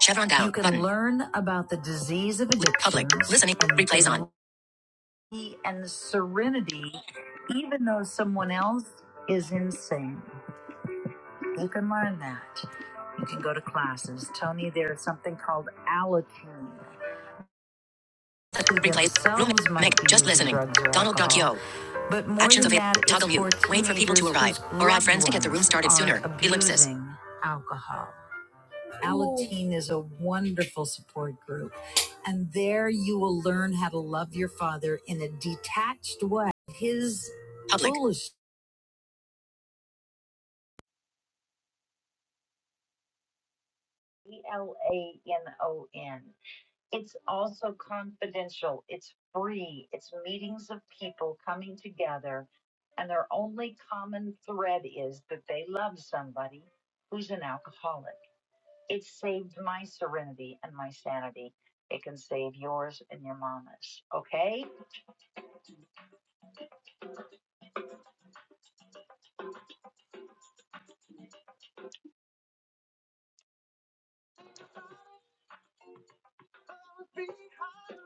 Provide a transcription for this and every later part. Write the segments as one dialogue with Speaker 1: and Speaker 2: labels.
Speaker 1: Chevron down. You can Button. learn about the disease of addiction. Public. Listening. Replays on. serenity and the serenity, even though someone else is insane. You can learn that. You can go to classes. Tony, there's something called allotune. Who Replays. Room. Meg. Just listening. Donald Duck yo. But more Actions than available. that, Toggle mute. for Wait for people to arrive or add friends to get the room started sooner. Ellipsis. alcohol. Alateen is a wonderful support group. And there you will learn how to love your father in a detached way. His Public. bullish. E L A N O N. It's also confidential, it's free, it's meetings of people coming together. And their only common thread is that they love somebody who's an alcoholic. It saved my serenity and my sanity. It can save yours and your mama's. Okay?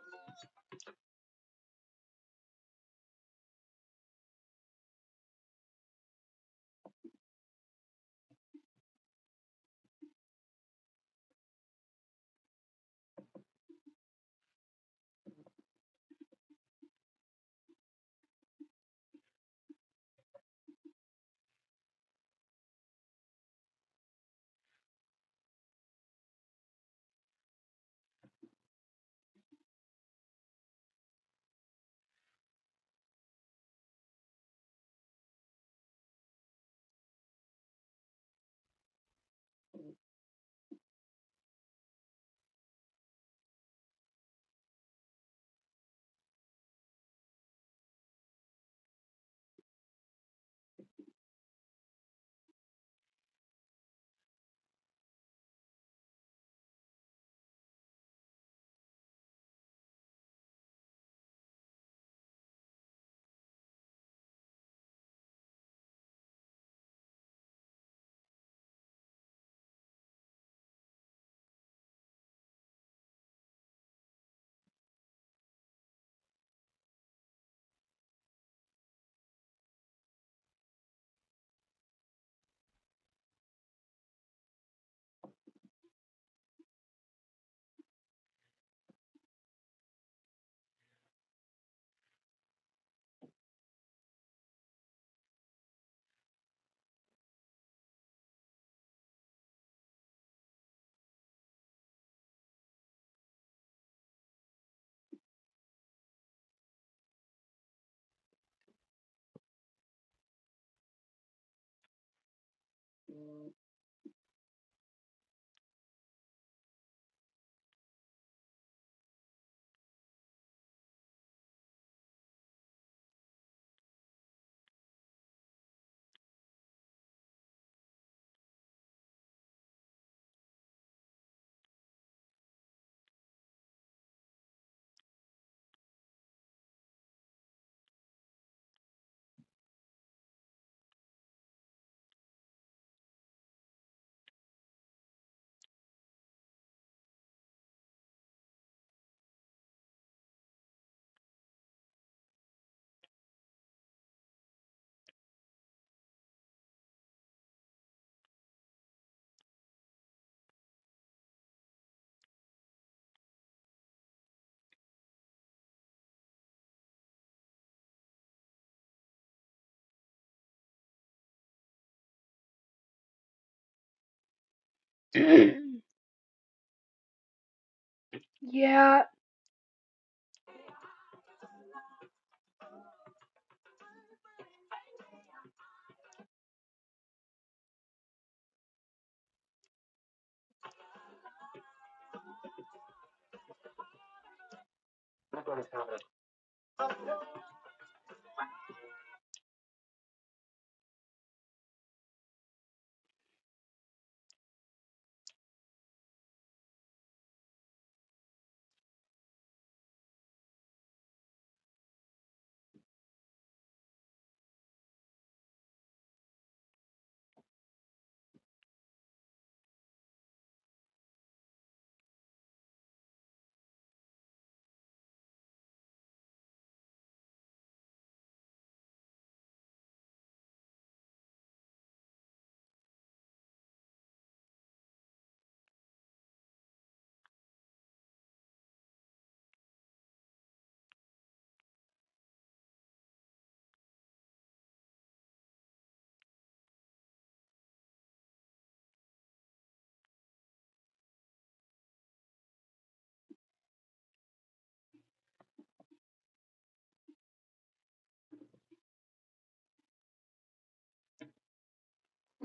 Speaker 1: yeah,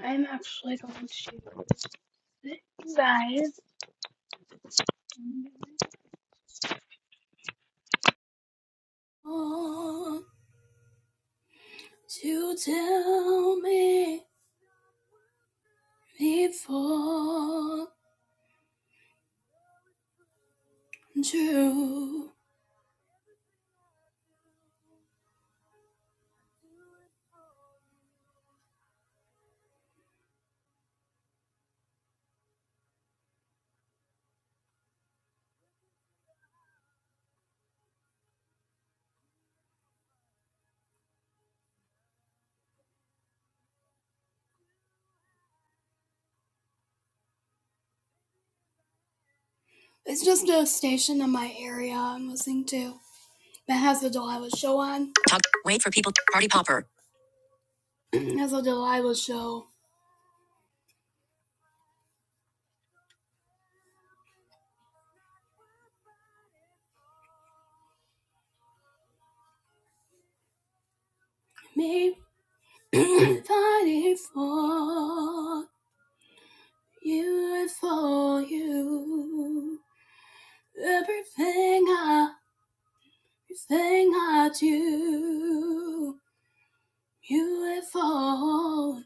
Speaker 1: I'm actually going to sit guys. Won't tell me before June? It's just a station in my area I'm listening to that has a Delilah show on. Talk, wait for people, party popper. has a Delilah show. Me fighting for you and for you. Everything I, everything I do, beautiful.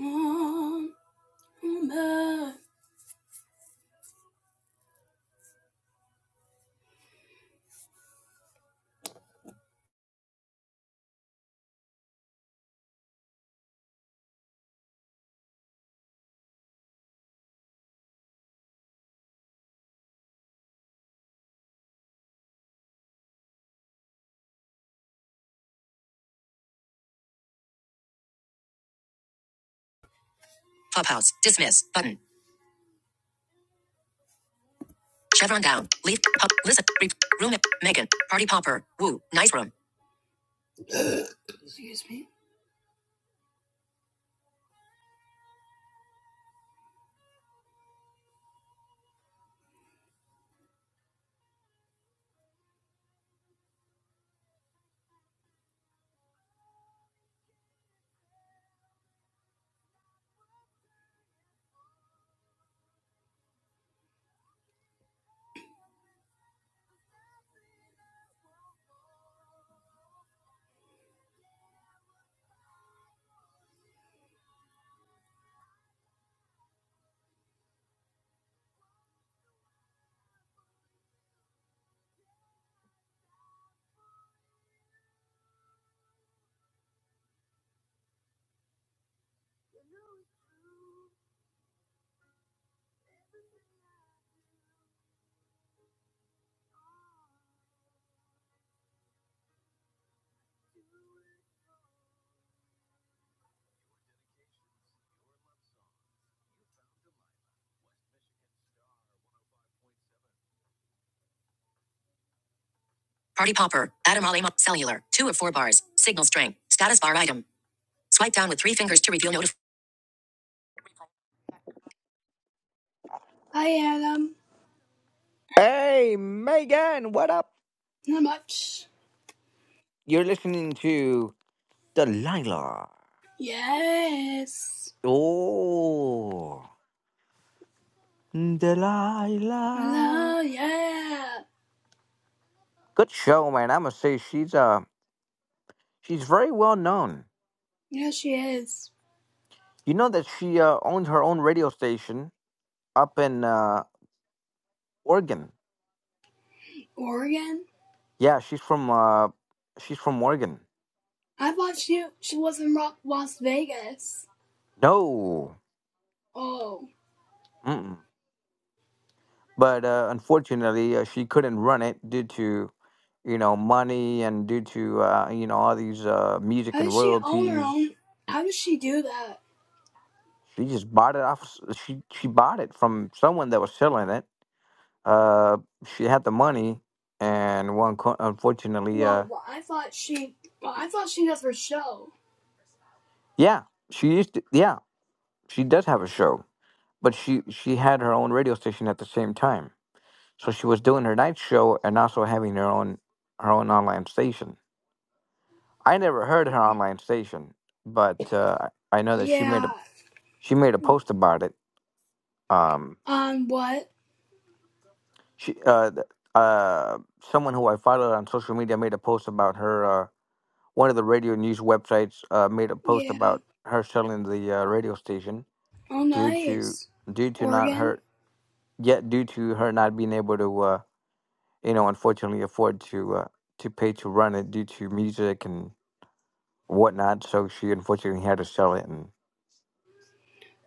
Speaker 1: woman. Clubhouse. Dismiss. Button. Chevron down. leave. Pop. Listen. Re- room. Megan. Party popper. Woo. Nice room. Party popper. Adam Raleigh. mo- Cellular. Two of four bars. Signal string. Status bar item. Swipe down with three fingers to reveal notif- Hi, Adam.
Speaker 2: Hey, Megan, what up?
Speaker 1: Not much.
Speaker 2: You're listening to Delilah.
Speaker 1: Yes.
Speaker 2: Oh, Delilah.
Speaker 1: Hello. Yeah.
Speaker 2: Good show, man. I must say she's uh she's very well known.
Speaker 1: Yeah, she is.
Speaker 2: You know that she uh, owns her own radio station up in uh, Oregon.
Speaker 1: Oregon?
Speaker 2: Yeah, she's from uh she's from Oregon.
Speaker 1: I thought she she was in Rock, Las Vegas.
Speaker 2: No,
Speaker 1: Oh,
Speaker 2: mm but uh, unfortunately uh, she couldn't run it due to you know money and due to uh, you know all these uh, music
Speaker 1: how
Speaker 2: and
Speaker 1: does she own her
Speaker 2: royalties
Speaker 1: own? How does she do that?
Speaker 2: she just bought it off s- she she bought it from someone that was selling it uh, she had the money and one co- unfortunately uh,
Speaker 1: Well, well, I thought she. Well, I thought she does her show.
Speaker 2: yeah she used to, yeah she does have a show but she she had her own radio station at the same time so she was doing her night show and also having her own her own online station I never heard her online station, but uh, I I know that she made a
Speaker 1: Yeah.
Speaker 2: she made a post about it. Um,
Speaker 1: Um. What?
Speaker 2: she uh, th- uh, someone who I followed on social media made a post about her. Uh, one of the radio news websites uh, made a post
Speaker 1: Yeah.
Speaker 2: about her selling the uh, radio station
Speaker 1: Oh,
Speaker 2: due to
Speaker 1: nice.
Speaker 2: due to not
Speaker 1: Oregon.
Speaker 2: her yet due to her not being able to uh, you know unfortunately afford to uh, to pay to run it due to music and whatnot. So she unfortunately had to sell it and.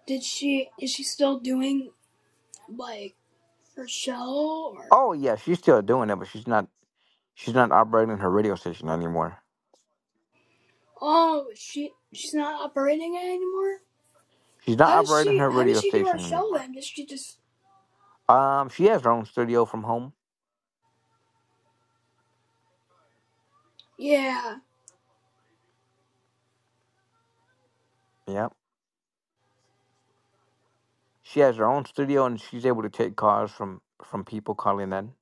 Speaker 1: Did she? Is she still doing like her show or?
Speaker 2: Oh yeah, she's still doing it, but she's not. She's not operating her radio station anymore.
Speaker 1: Oh, she she's not operating it anymore.
Speaker 2: She's not
Speaker 1: How does
Speaker 2: operating
Speaker 1: she?
Speaker 2: her
Speaker 1: How does
Speaker 2: radio
Speaker 1: she do her
Speaker 2: station
Speaker 1: show
Speaker 2: anymore.
Speaker 1: then? Does she just?
Speaker 2: Um, she has her own studio from home.
Speaker 1: Yeah.
Speaker 2: Yep. She has her own studio and she's able to take calls from from people calling in.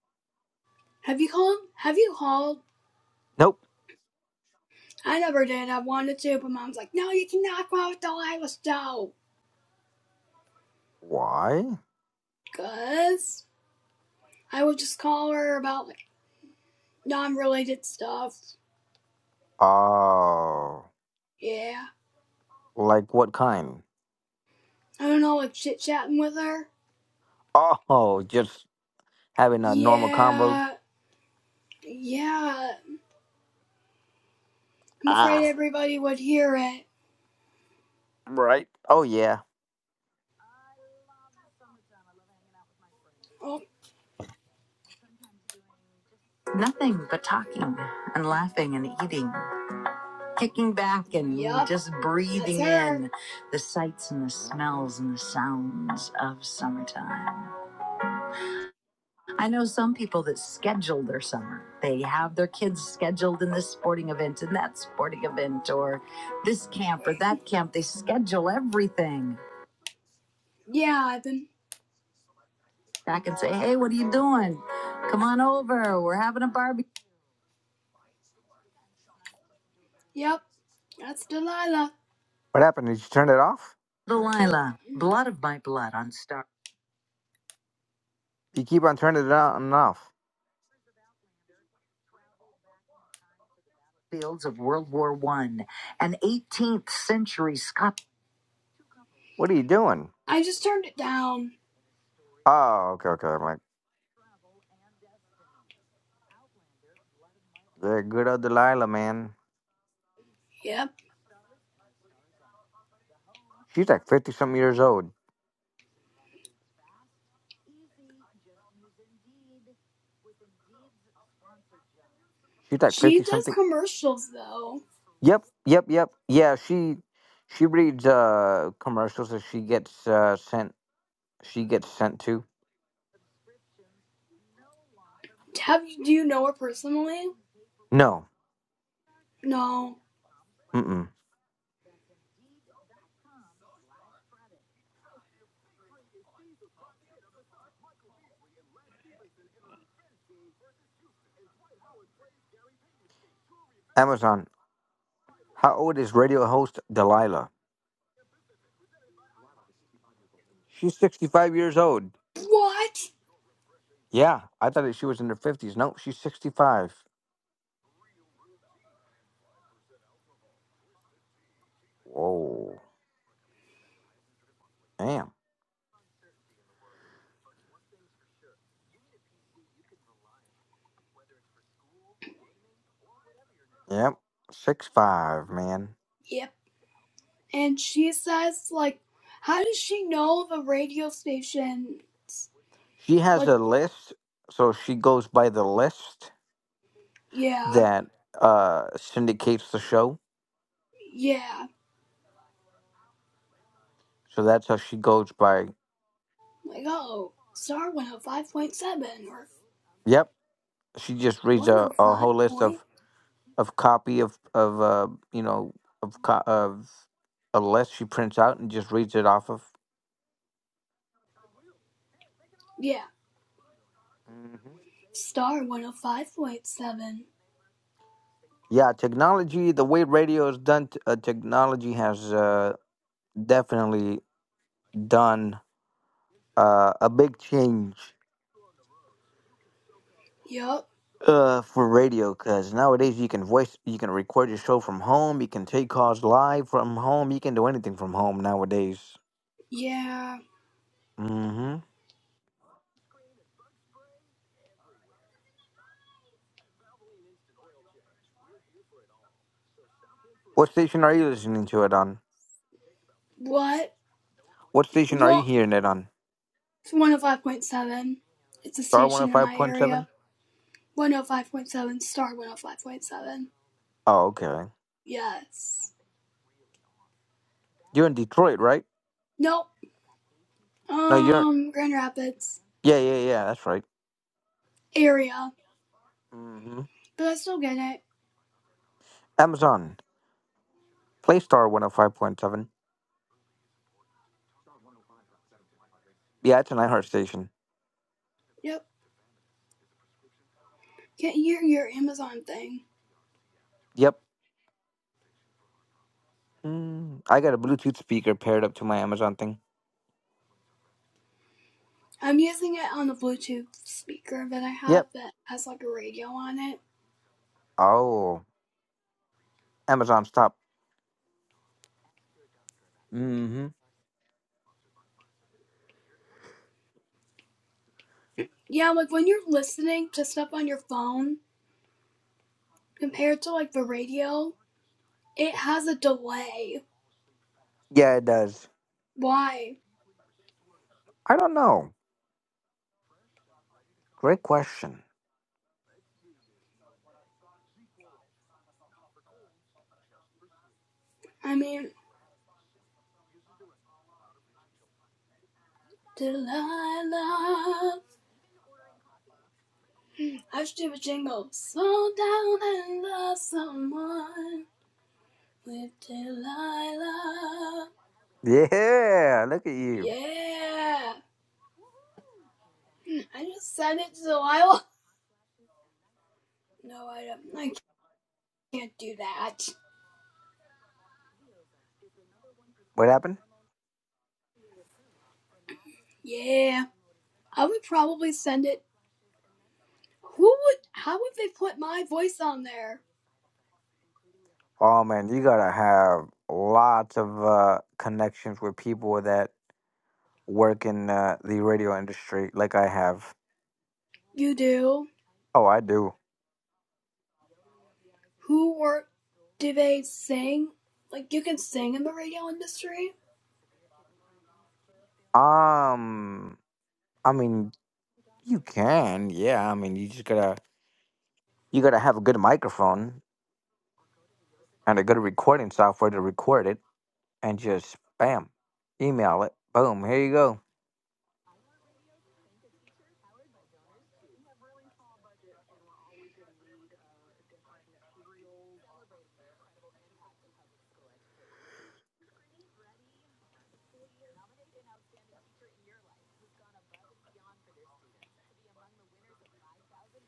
Speaker 1: Have you called? Have you called
Speaker 2: Nope.
Speaker 1: I never did. I wanted to, but mom's like, no, you cannot go out with the Lila Stowe.
Speaker 2: Why?
Speaker 1: Because I would just call her about like non related stuff.
Speaker 2: Oh,
Speaker 1: Yeah.
Speaker 2: like what kind?
Speaker 1: I don't know, like chit chatting with her.
Speaker 2: Oh, just having a normal convo.
Speaker 1: Yeah. Yeah. I'm afraid
Speaker 2: Ah,
Speaker 1: everybody would hear it.
Speaker 2: right. Oh yeah.
Speaker 1: Oh, Nothing but talking and laughing and eating, kicking back and yep. just breathing in the sights and the
Speaker 2: hmm
Speaker 1: smells and the sounds of summertime. I know some people that schedule their summer. They have their kids scheduled in this sporting event and that sporting event or this camp or that camp. They schedule everything. Yeah, I've been back and say, hey, what are you doing? Come on over. We're having a barbecue. Yep, that's Delilah.
Speaker 2: What happened? Did you turn it off?
Speaker 1: Delilah, blood of my blood on star
Speaker 2: You keep on turning it on and off.
Speaker 1: fields of World War One, an 18th century Scot.
Speaker 2: What are you doing?
Speaker 1: I just turned it down.
Speaker 2: Oh, okay, okay. I'm like, yeah, good old Delilah, man.
Speaker 1: Yep.
Speaker 2: She's like fifty something years old. She's like
Speaker 1: She
Speaker 2: fifty
Speaker 1: does
Speaker 2: something.
Speaker 1: commercials though.
Speaker 2: Yep, yep, yep. Yeah, she she reads uh commercials that she gets uh sent she gets sent to.
Speaker 1: Have you do you know her name?
Speaker 2: No.
Speaker 1: Oh,
Speaker 2: Mm-mm. Amazon. How old is radio host Delilah? She's sixty five years old.
Speaker 1: What?
Speaker 2: Yeah, I thought that she was in her fifties. No, she's sixty five. Whoa. Damn. Yep. Six five, man.
Speaker 1: Yep. And she says like, how does she know the radio station?
Speaker 2: She has
Speaker 1: Like,
Speaker 2: a list, so she goes by the list
Speaker 1: yeah,
Speaker 2: that uh syndicates the show
Speaker 1: yeah.
Speaker 2: So that's how she goes by.
Speaker 1: Like, oh, star one hundred five point seven or
Speaker 2: Yep, she just reads
Speaker 1: one
Speaker 2: a,
Speaker 1: hundred
Speaker 2: a
Speaker 1: five
Speaker 2: whole list
Speaker 1: point
Speaker 2: of of copy of of uh, you know of co- of a list she prints out and just reads it off of.
Speaker 1: yeah,
Speaker 2: hmm
Speaker 1: star one hundred five point seven.
Speaker 2: Yeah, technology. The way radio is done, t- uh, technology has uh, definitely done uh, a big change
Speaker 1: Yup.
Speaker 2: uh, for radio. Because nowadays you can voice, you can record your show from home, you can take calls live from home, you can do anything from home nowadays.
Speaker 1: Yeah.
Speaker 2: hmm What station are you listening to it on?
Speaker 1: What?
Speaker 2: What station are you
Speaker 1: What?
Speaker 2: hearing it on?
Speaker 1: One hundred five point seven. It's a
Speaker 2: Star 105.7? Oh,
Speaker 1: station in
Speaker 2: five
Speaker 1: my
Speaker 2: point
Speaker 1: area.
Speaker 2: seven?
Speaker 1: 105.7, star 105.7.
Speaker 2: Oh, okay.
Speaker 1: Yes.
Speaker 2: You're in Detroit, right?
Speaker 1: Nope.
Speaker 2: No, you're.
Speaker 1: Um, Grand Rapids
Speaker 2: Yeah, yeah, yeah, that's right.
Speaker 1: area.
Speaker 2: hmm
Speaker 1: But I still get it.
Speaker 2: Amazon. Play Star 105.7. Yeah, it's an iHeart station.
Speaker 1: Yep. Get your your Amazon thing.
Speaker 2: Yep. Mm, I got a Bluetooth speaker paired up to my Amazon thing.
Speaker 1: I'm using it on a Bluetooth speaker that I have
Speaker 2: Yep.
Speaker 1: that has like a radio on it.
Speaker 2: Oh, Amazon stop. hmm
Speaker 1: Yeah, like when you're listening to stuff on your phone compared to like the radio, it has a delay.
Speaker 2: Yeah, it does.
Speaker 1: Why?
Speaker 2: I don't know. Great question.
Speaker 1: I mean, Delilah, I should do a jingle. Slow down and love someone with Delilah.
Speaker 2: Yeah, look at you.
Speaker 1: Yeah. I just sent it to Delilah. No, I don't. I can't do that.
Speaker 2: What happened?
Speaker 1: Yeah. I would probably send it. Who would. How would they put my voice on there?
Speaker 2: Oh man, you gotta have lots of uh, connections with people that work in uh, the radio industry, like I have.
Speaker 1: You do?
Speaker 2: Oh, I do.
Speaker 1: Who or do they sing? Like, you can sing in the radio industry?
Speaker 2: Um, I mean, you can, yeah. I mean, you just gotta you gotta have a good microphone and a good recording software to record it, and just bam, email it. Boom, here you go.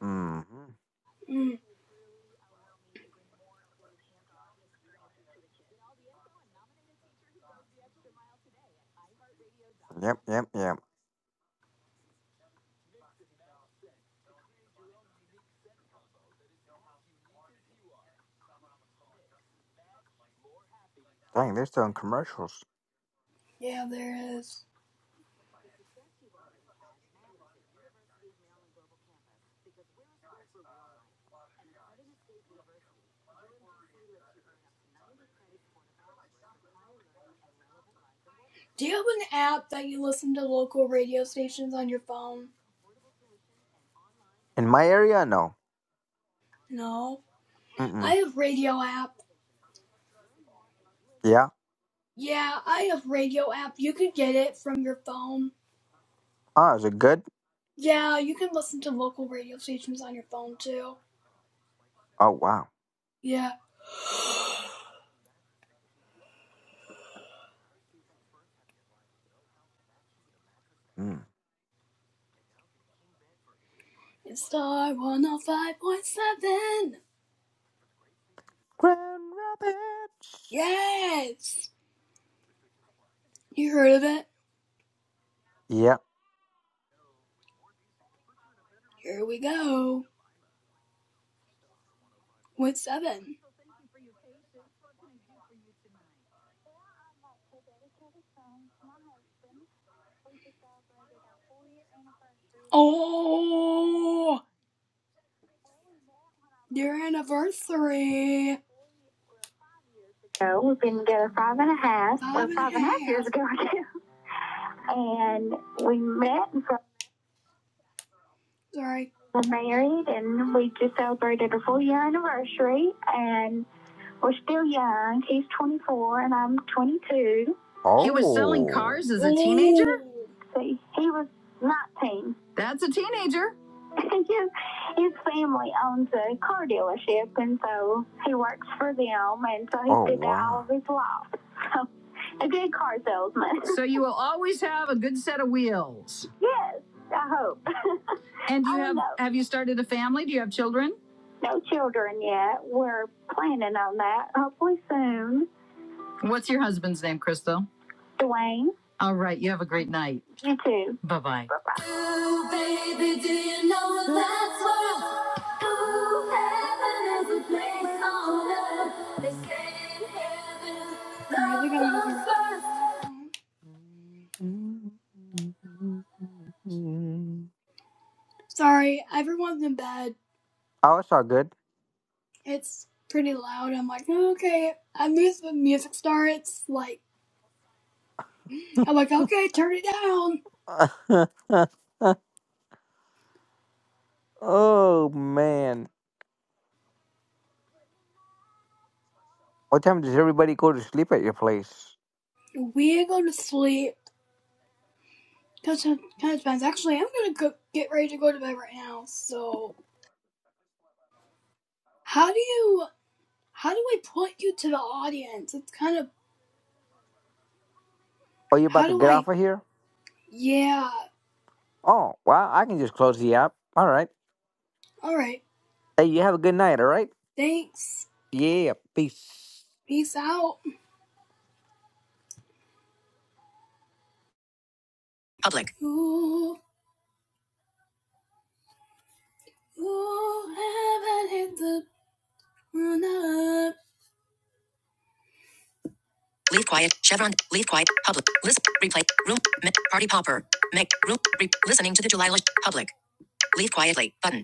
Speaker 2: hmm
Speaker 1: Mm.
Speaker 2: Yep, yep, yep. Dang, they're still in commercials
Speaker 1: Yeah, there is. Do you have an app that you listen to local radio stations on your phone?
Speaker 2: in my area. No.
Speaker 1: No. I
Speaker 2: Mm-mm.
Speaker 1: have radio app.
Speaker 2: Yeah.
Speaker 1: Yeah, I have radio app. You could get it from your phone.
Speaker 2: Oh, is it good?
Speaker 1: Yeah, you can listen to local radio stations on your phone too.
Speaker 2: Oh, wow.
Speaker 1: Yeah.
Speaker 2: Mm.
Speaker 1: It's Star 105.7.
Speaker 2: Grand Rapids.
Speaker 1: Yes! You heard of it?
Speaker 2: Yeah.
Speaker 1: Here we go. With seven. Oh, your anniversary. So we've been together five and a half, Five or and a five and a half half years ago, and we met and so Sorry. we're married, and we just celebrated our full year anniversary, and We're still young. He's 24 and I'm 22. He was selling
Speaker 2: Oh.
Speaker 1: cars as a teenager? See, he was 19. That's a teenager. his, his family owns a car dealership, and so he works for them, and so he's
Speaker 2: Oh
Speaker 1: did that all
Speaker 2: wow.
Speaker 1: of his life. So, a good car salesman. So you will always have a good set of wheels. yes, I hope. And you have know. have you started a family? Do you have children? No children yet. We're planning on that, hopefully soon. What's your husband's name, Crystal? Dwayne, All right. You have a great night. you too. Bye bye. Bye bye. Ooh, baby, do you know
Speaker 2: There
Speaker 1: that's
Speaker 2: was
Speaker 1: where?
Speaker 2: a
Speaker 1: Ooh,
Speaker 2: new
Speaker 1: heaven
Speaker 2: man
Speaker 1: is a
Speaker 2: in the
Speaker 1: place
Speaker 2: face
Speaker 1: on
Speaker 2: of
Speaker 1: earth.
Speaker 2: earth.
Speaker 1: They say in heaven, love comes first. Sorry, everyone's in bed.
Speaker 2: Oh, it's all good.
Speaker 1: It's pretty loud. I'm like, oh, okay. I move the music starts. Like, I'm like, okay, turn it down.
Speaker 2: oh man. What time does everybody go to sleep at your place?
Speaker 1: We go to sleep. Touch on touch on- Actually, I'm gonna go, get ready to go to bed right now. So, how do you how do I put you to the audience? It's kind of
Speaker 2: Oh, you
Speaker 1: how
Speaker 2: about to
Speaker 1: do
Speaker 2: get
Speaker 1: I?
Speaker 2: off of here?
Speaker 1: Yeah.
Speaker 2: Oh, wow. I can just close the app. All right.
Speaker 1: All right.
Speaker 2: Hey, you have a good night. All right.
Speaker 1: Thanks.
Speaker 2: Yeah. Peace.
Speaker 1: Peace out. Public. Ooh, ooh, heaven hit the corner. Leave quiet. Chevron. Leave quiet. Public. List. Replay. Room. party popper. Make. Room. Re- listening to the July. public. Leave quietly. Button.